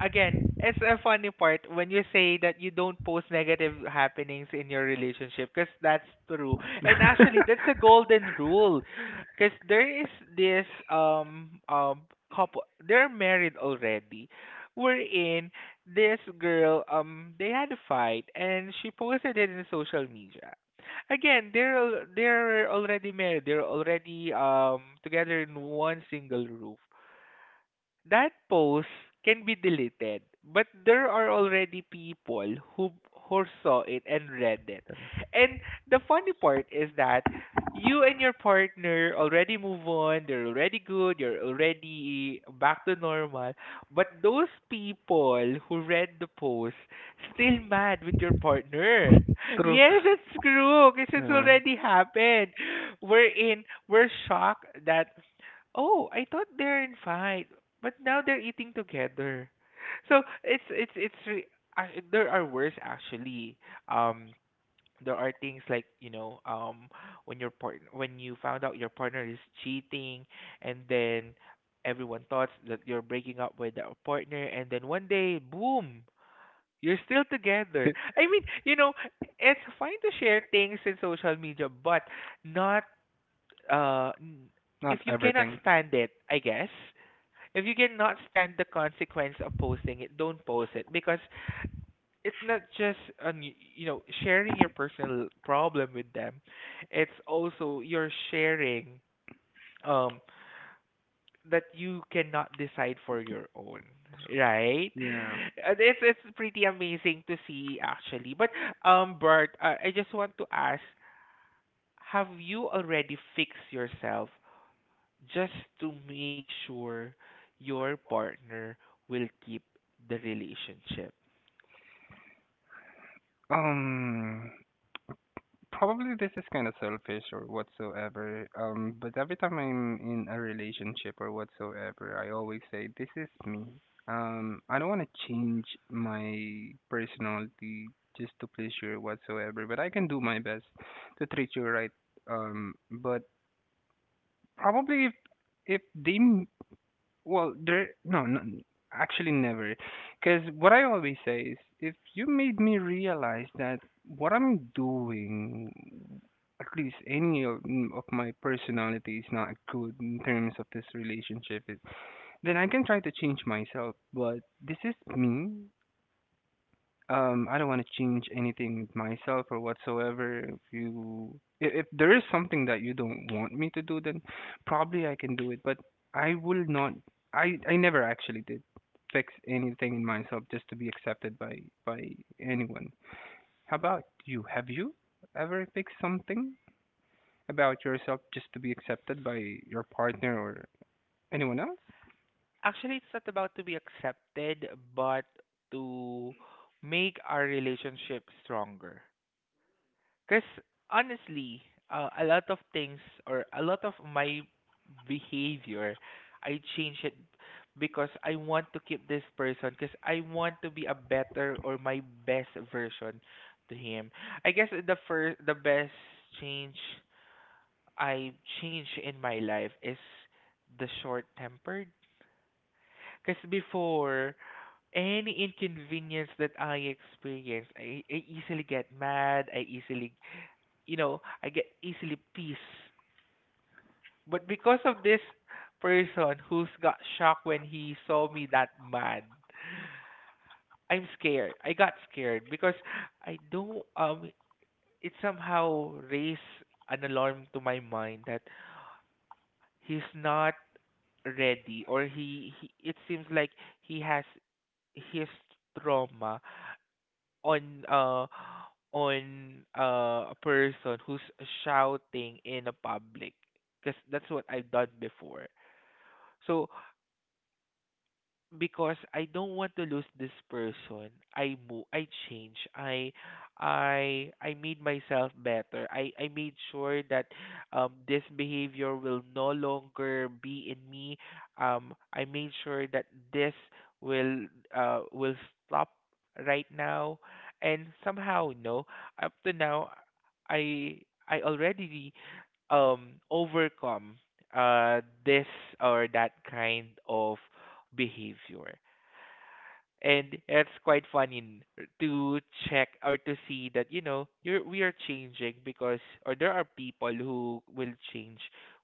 [SPEAKER 1] again, it's a funny part when you say that you don't post negative happenings in your relationship, because that's true. And actually, that's a golden rule because there is this couple, they're married already. Wherein this girl, they had a fight and she posted it in social media. Again, they're already married. They're already together in one single roof. That post can be deleted, but there are already people who saw it and read it. And the funny part is that you and your partner already move on, they're already good, you're already back to normal, but those people who read the post still mad with your partner.
[SPEAKER 2] True.
[SPEAKER 1] Yes, that's true, because it's
[SPEAKER 2] Yeah.
[SPEAKER 1] already happened. We're in, we're shocked that, oh, I thought they're in fight, but now they're eating together. So there are worse actually. Um, there are things like, you know, when your part when you found out your partner is cheating, and then everyone thought that you're breaking up with that partner, and then one day, boom, you're still together. I mean, you know, it's fine to share things in social media, but not uh, n- if
[SPEAKER 2] Not
[SPEAKER 1] you cannot
[SPEAKER 2] everything.
[SPEAKER 1] stand it, I guess, if you cannot stand the consequence of posting it, don't post it, because it's not just on you know, sharing your personal problem with them. It's also you're sharing um that you cannot decide for your own, right?
[SPEAKER 2] Yeah.
[SPEAKER 1] And it's pretty amazing to see actually. But Bert, I just want to ask, have you already fixed yourself just to make sure your partner will keep the relationship.
[SPEAKER 2] Um. Probably this is kind of selfish or whatsoever. But every time I'm in a relationship or whatsoever, I always say, "This is me." I don't want to change my personality just to please you or whatsoever, but I can do my best to treat you right. But probably if they m- well, there, no, no, actually never. Because what I always say is, if you made me realize that what I'm doing, at least any of, of my personality is not good in terms of this relationship, then I can try to change myself. But this is me. I don't want to change anything with myself or whatsoever. If you if there is something that you don't want me to do, then probably I can do it. But I will not. I never actually did fix anything in myself just to be accepted by anyone. How about you? Have you ever fixed something about yourself just to be accepted by your partner or anyone else?
[SPEAKER 1] Actually, it's not about to be accepted, but to make our relationship stronger. Because honestly, a lot of things or a lot of my behavior, I change it because I want to keep this person, because I want to be a better or my best version to him. I guess the first, the best change I changed in my life is the short tempered. Because before, any inconvenience that I experience, I easily get mad. I easily, you know, I get easily pissed. But because of this person who's got shocked when he saw me that mad, I'm scared. I got scared because I don't, it somehow raised an alarm to my mind that he's not ready, or he, it seems like he has his trauma on uh a person who's shouting in a public, because that's what I've done before. So because I don't want to lose this person, I change. I made myself better. I made sure that this behavior will no longer be in me. I made sure that this will will stop right now, and somehow no, up to now I already overcome this or that kind of behavior. And it's quite funny to check or to see that you know you're we are changing, because or there are people who will change,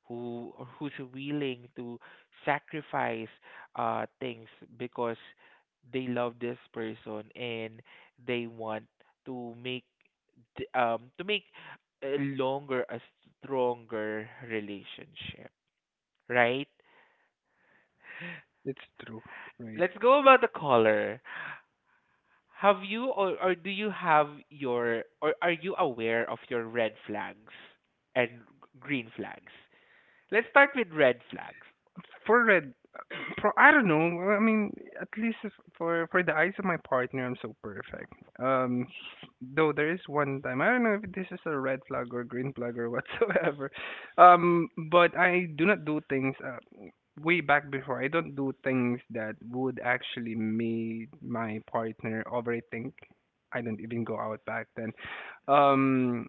[SPEAKER 1] who or who's willing to sacrifice things because they love this person, and they want to make to make a longer, a stronger relationship, right?
[SPEAKER 2] It's true, right?
[SPEAKER 1] Let's go about the caller. Have you or do you have your or are you aware of your red flags and green flags? Let's start with red flags.
[SPEAKER 2] For red, for I don't know. Well, I mean, at least for the eyes of my partner, I'm so perfect. Um, though there is one time I don't know if this is a red flag or green flag or whatsoever. But I do not do things. Way back before, I don't do things that would actually make my partner overthink. I don't even go out back then. Um,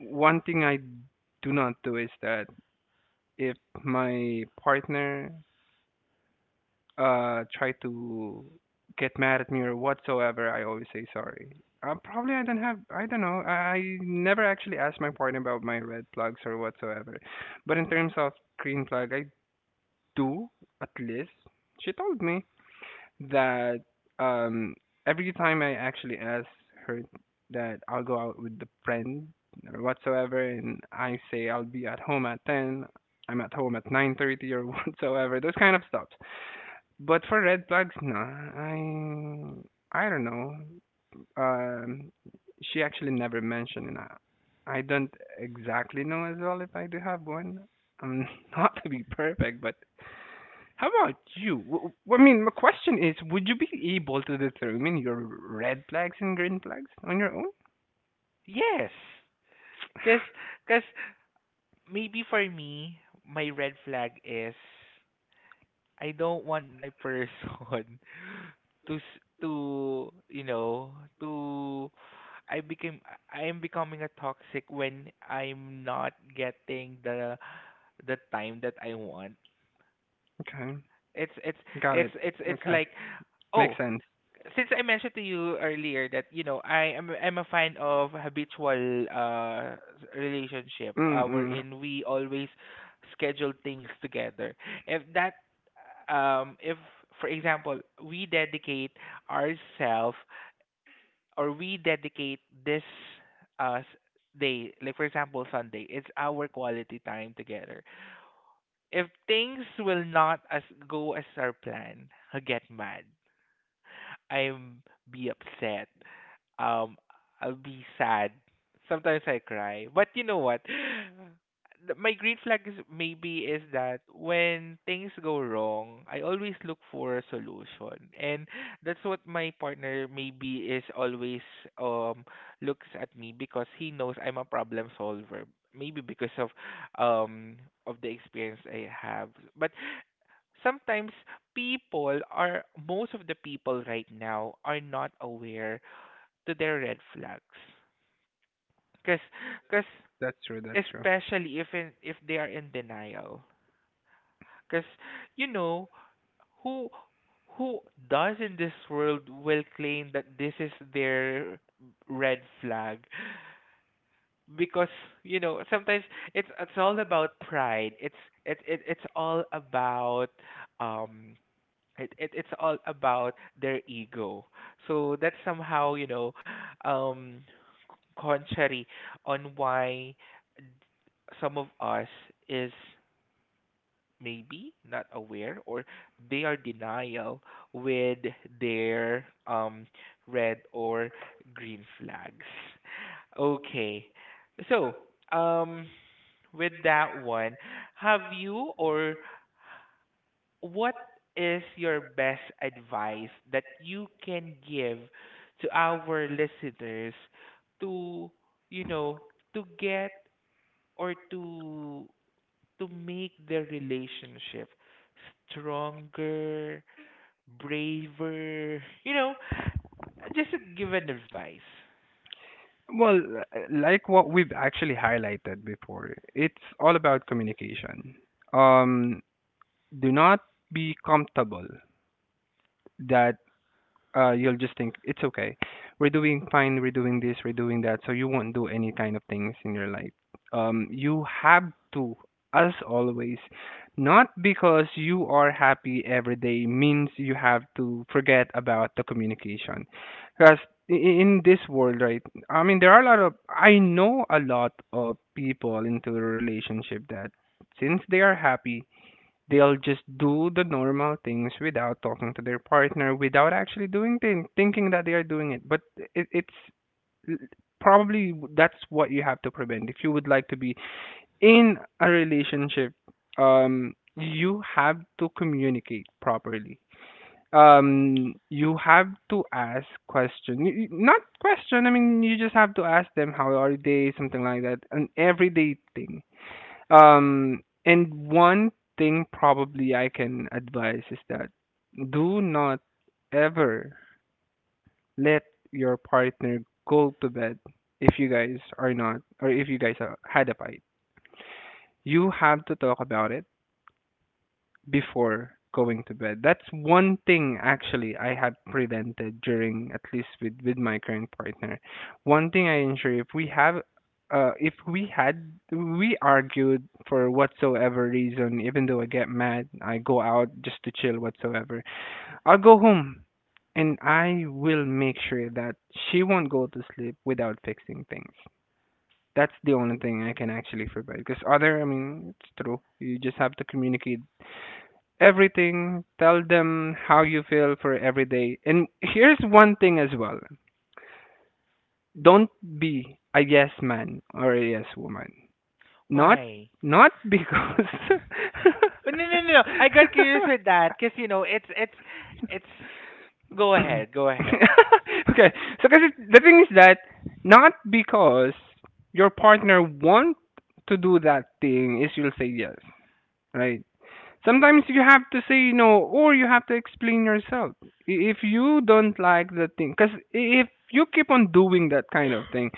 [SPEAKER 2] one thing I do not do is that if my partner try to get mad at me or whatsoever, I always say sorry. Probably I don't have. I don't know. I never actually asked my partner about my red plugs or whatsoever. But in terms of green plug, I do at least. She told me that um every time I actually ask her that I'll go out with the friend or whatsoever and I say I'll be at home at 10, I'm at home at 9:30 or whatsoever, those kind of stuff. But for red flags, no. I don't know. Um, she actually never mentioned, and I don't exactly know as well if I do have one. Um, not to be perfect, but how about you? I mean, my question is, would you be able to determine your red flags and green flags on your own?
[SPEAKER 1] Yes. Cause, cause maybe for me, my red flag is I don't want my person to to you know to I became, I am becoming a toxic when I'm not getting the time that I want.
[SPEAKER 2] Okay,
[SPEAKER 1] It's it's
[SPEAKER 2] got
[SPEAKER 1] it's
[SPEAKER 2] it.
[SPEAKER 1] it's it's
[SPEAKER 2] Okay,
[SPEAKER 1] like,
[SPEAKER 2] makes
[SPEAKER 1] oh,
[SPEAKER 2] sense.
[SPEAKER 1] since I mentioned to you earlier that you know I'm a fan of habitual relationship
[SPEAKER 2] Mm-mm.
[SPEAKER 1] wherein we always schedule things together. If that if, for example, we dedicate ourselves or we dedicate this uh s- day, like for example Sunday, it's our quality time together. If things will not as go as our plan, I get mad. I'm be upset. Um, I'll be sad. Sometimes I cry. But you know what? My green flag is maybe is that when things go wrong, I always look for a solution. And that's what my partner maybe is always um looks at me, because he knows I'm a problem solver. Maybe because um of the experience I have. But sometimes people are most of the people right now are not aware to their red flags, because because
[SPEAKER 2] That's true. That's true.
[SPEAKER 1] especially if in, if they are in denial, because you know, who who does in this world will claim that this is their red flag? Because you know sometimes it's all about pride, it's all about um it's all about their ego. So that's somehow, you know, um contrary on why some of us is maybe not aware, or they are denial with their red or green flags. Okay. So, um with that one, have you or what is your best advice that you can give to our listeners to you know to get or to make their relationship stronger, braver, you know, just to give an advice?
[SPEAKER 2] Well, like what we've actually highlighted before, it's all about communication. Um, do not be comfortable that you'll just think it's okay. We're doing fine. We're doing this. We're doing that. So you won't do any kind of things in your life. You have to, as always, not because you are happy every day means you have to forget about the communication. Because in this world, right? I mean, there are a lot of, I know a lot of people into a relationship that since they are happy they'll just do the normal things without talking to their partner, without actually doing things, thinking that they are doing it. But it's l- probably that's what you have to prevent if you would like to be in a relationship. You have to communicate properly. You have to ask question, not question. I mean, you just have to ask them how are they, something like that, an everyday thing, um, and one thing probably I can advise is that do not ever let your partner go to bed if you guys are not, or if you guys are, had a fight. You have to talk about it before going to bed. That's one thing actually I have prevented during at least with my current partner. One thing I ensure if we have if we had we argued for whatsoever reason, even though I get mad, I go out just to chill whatsoever. I'll go home and I will make sure that she won't go to sleep without fixing things. That's the only thing I can actually forbid. Because other, I mean, it's true. You just have to communicate everything. Tell them how you feel for every day. And here's one thing as well. Don't be a yes man or a yes woman. Not
[SPEAKER 1] Why?
[SPEAKER 2] not because
[SPEAKER 1] Oh, no no no no, I got curious with that because you know it's go ahead, go ahead.
[SPEAKER 2] okay. So cause the thing is that not because your partner want to do that thing is you'll say yes, right? Sometimes you have to say no or you have to explain yourself. If you don't like the thing, because if you keep on doing that kind of thing,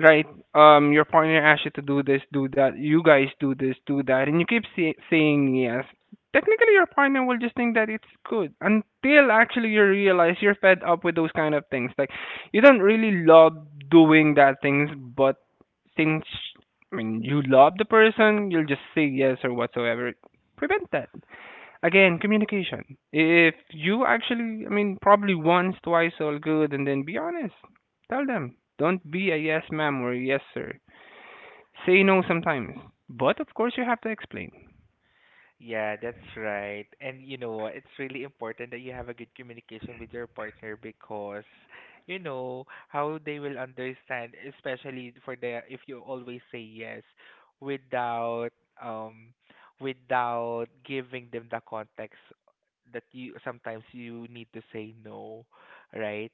[SPEAKER 2] right, your partner asks you to do this do that, you guys do this do that, and you keep saying yes, technically your partner will just think that it's good until actually you realize you're fed up with those kind of things, like you don't really love doing that things, but since I mean, you love the person, you'll just say yes or whatsoever. Prevent that. Again, communication. If you actually, I mean, probably once, twice, all good, and then be honest. Tell them. Don't be a yes, ma'am, or a yes, sir. Say no sometimes. But of course, you have to explain.
[SPEAKER 1] Yeah, that's right. And you know what? It's really important that you have a good communication with your partner, because you know how they will understand, especially for the, if you always say yes without um without giving them the context that you sometimes you need to say no, right?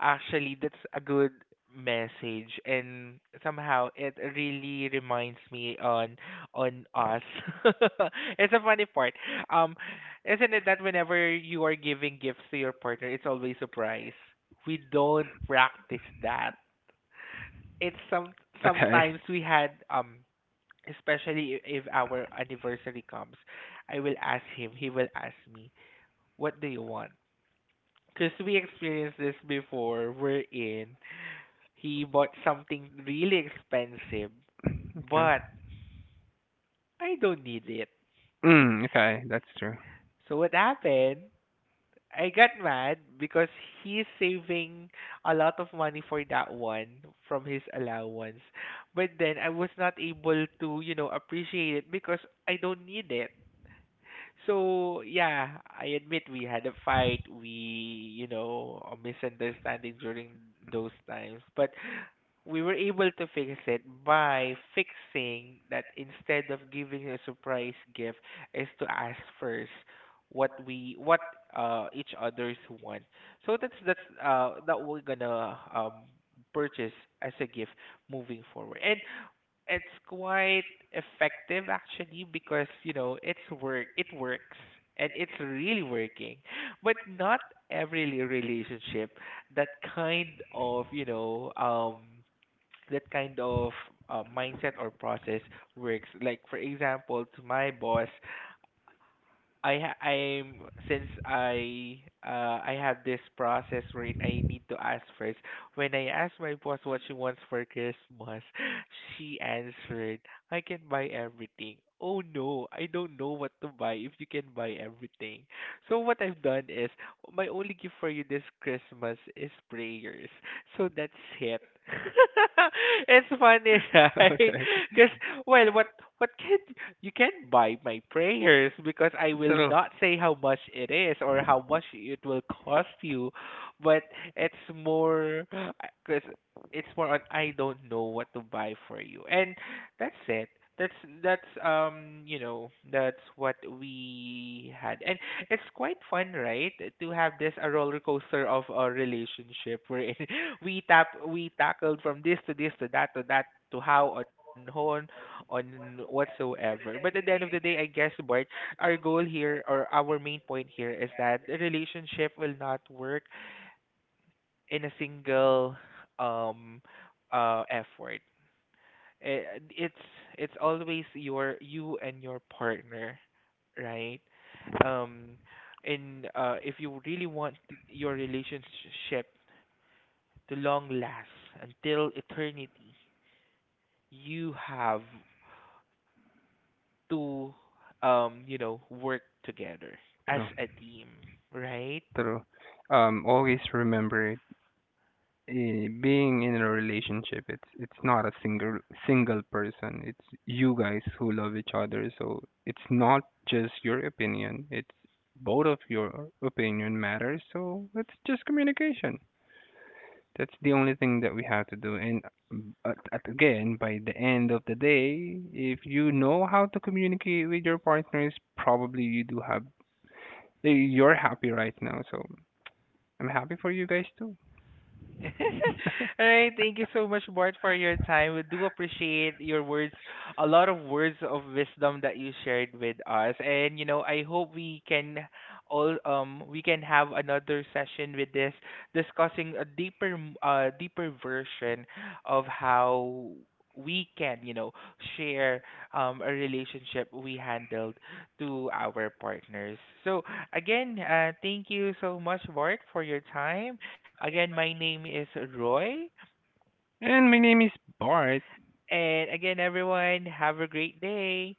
[SPEAKER 1] Actually, that's a good message, and somehow it really reminds me on us. It's a funny part. Um, isn't it that whenever you are giving gifts to your partner, it's always surprise. We don't practice that. It's some
[SPEAKER 2] Okay.
[SPEAKER 1] sometimes we had especially if our anniversary comes, I will ask him, he will ask me, what do you want? Because we experienced this before, we're in. He bought something really expensive,
[SPEAKER 2] Okay.
[SPEAKER 1] but I don't need it.
[SPEAKER 2] Mm, okay, that's true.
[SPEAKER 1] So what happened? I got mad because he's saving a lot of money for that one from his allowance. But then I was not able to, you know, appreciate it because I don't need it. So yeah, I admit we had a fight. We, you know, a misunderstanding during those times. But we were able to fix it by fixing that. Instead of giving a surprise gift is to ask first what we what each others want, so that's that we're gonna purchase as a gift moving forward. And it's quite effective actually, because you know it works, and it's really working. But not every relationship that kind of you know that kind of uh mindset or process works. Like for example, to my boss, I ha- I'm since I have this process wherein I need to ask first. When I asked my boss what she wants for Christmas, she answered, "I can buy everything." Oh no, I don't know what to buy if you can buy everything. So what I've done is my only gift for you this Christmas is prayers. So that's it. It's funny, right?
[SPEAKER 2] okay.
[SPEAKER 1] Because well, what can you can buy my prayers, because I will
[SPEAKER 2] True.
[SPEAKER 1] not say how much it is or how much it will cost you, but it's more because it's more on I don't know what to buy for you, and that's it. That's that's you know that's what we had, and it's quite fun, right? To have this a roller coaster of a relationship wherein we tackled from this to this to that to that, to how on horn on whatsoever. But at the end of the day, I guess, Bart, our goal here or our main point here is that the relationship will not work in a single um effort. Eh, It's it's always your you and your partner, right? Um, in if you really want your relationship to long last until eternity, you have to you know work together as
[SPEAKER 2] True.
[SPEAKER 1] a team, right?
[SPEAKER 2] True. Always remember it. Being in a relationship, it's not a single person, it's you guys who love each other, so it's not just your opinion, it's both of your opinion matters, so it's just communication. That's the only thing that we have to do. And at again, by the end of the day, if you know how to communicate with your partners, probably you do have, you're happy right now, so I'm happy for you guys too.
[SPEAKER 1] All right, thank you so much, Bart, for your time. We do appreciate your words, a lot of words of wisdom that you shared with us. And you know, I hope we can all we can have another session with this, discussing a deeper deeper version of how we can, you know, share a relationship we handled to our partners. So again, thank you so much, Bart, for your time. Again, my name is Roy.
[SPEAKER 2] And my name is Bart.
[SPEAKER 1] And again, everyone, have a great day.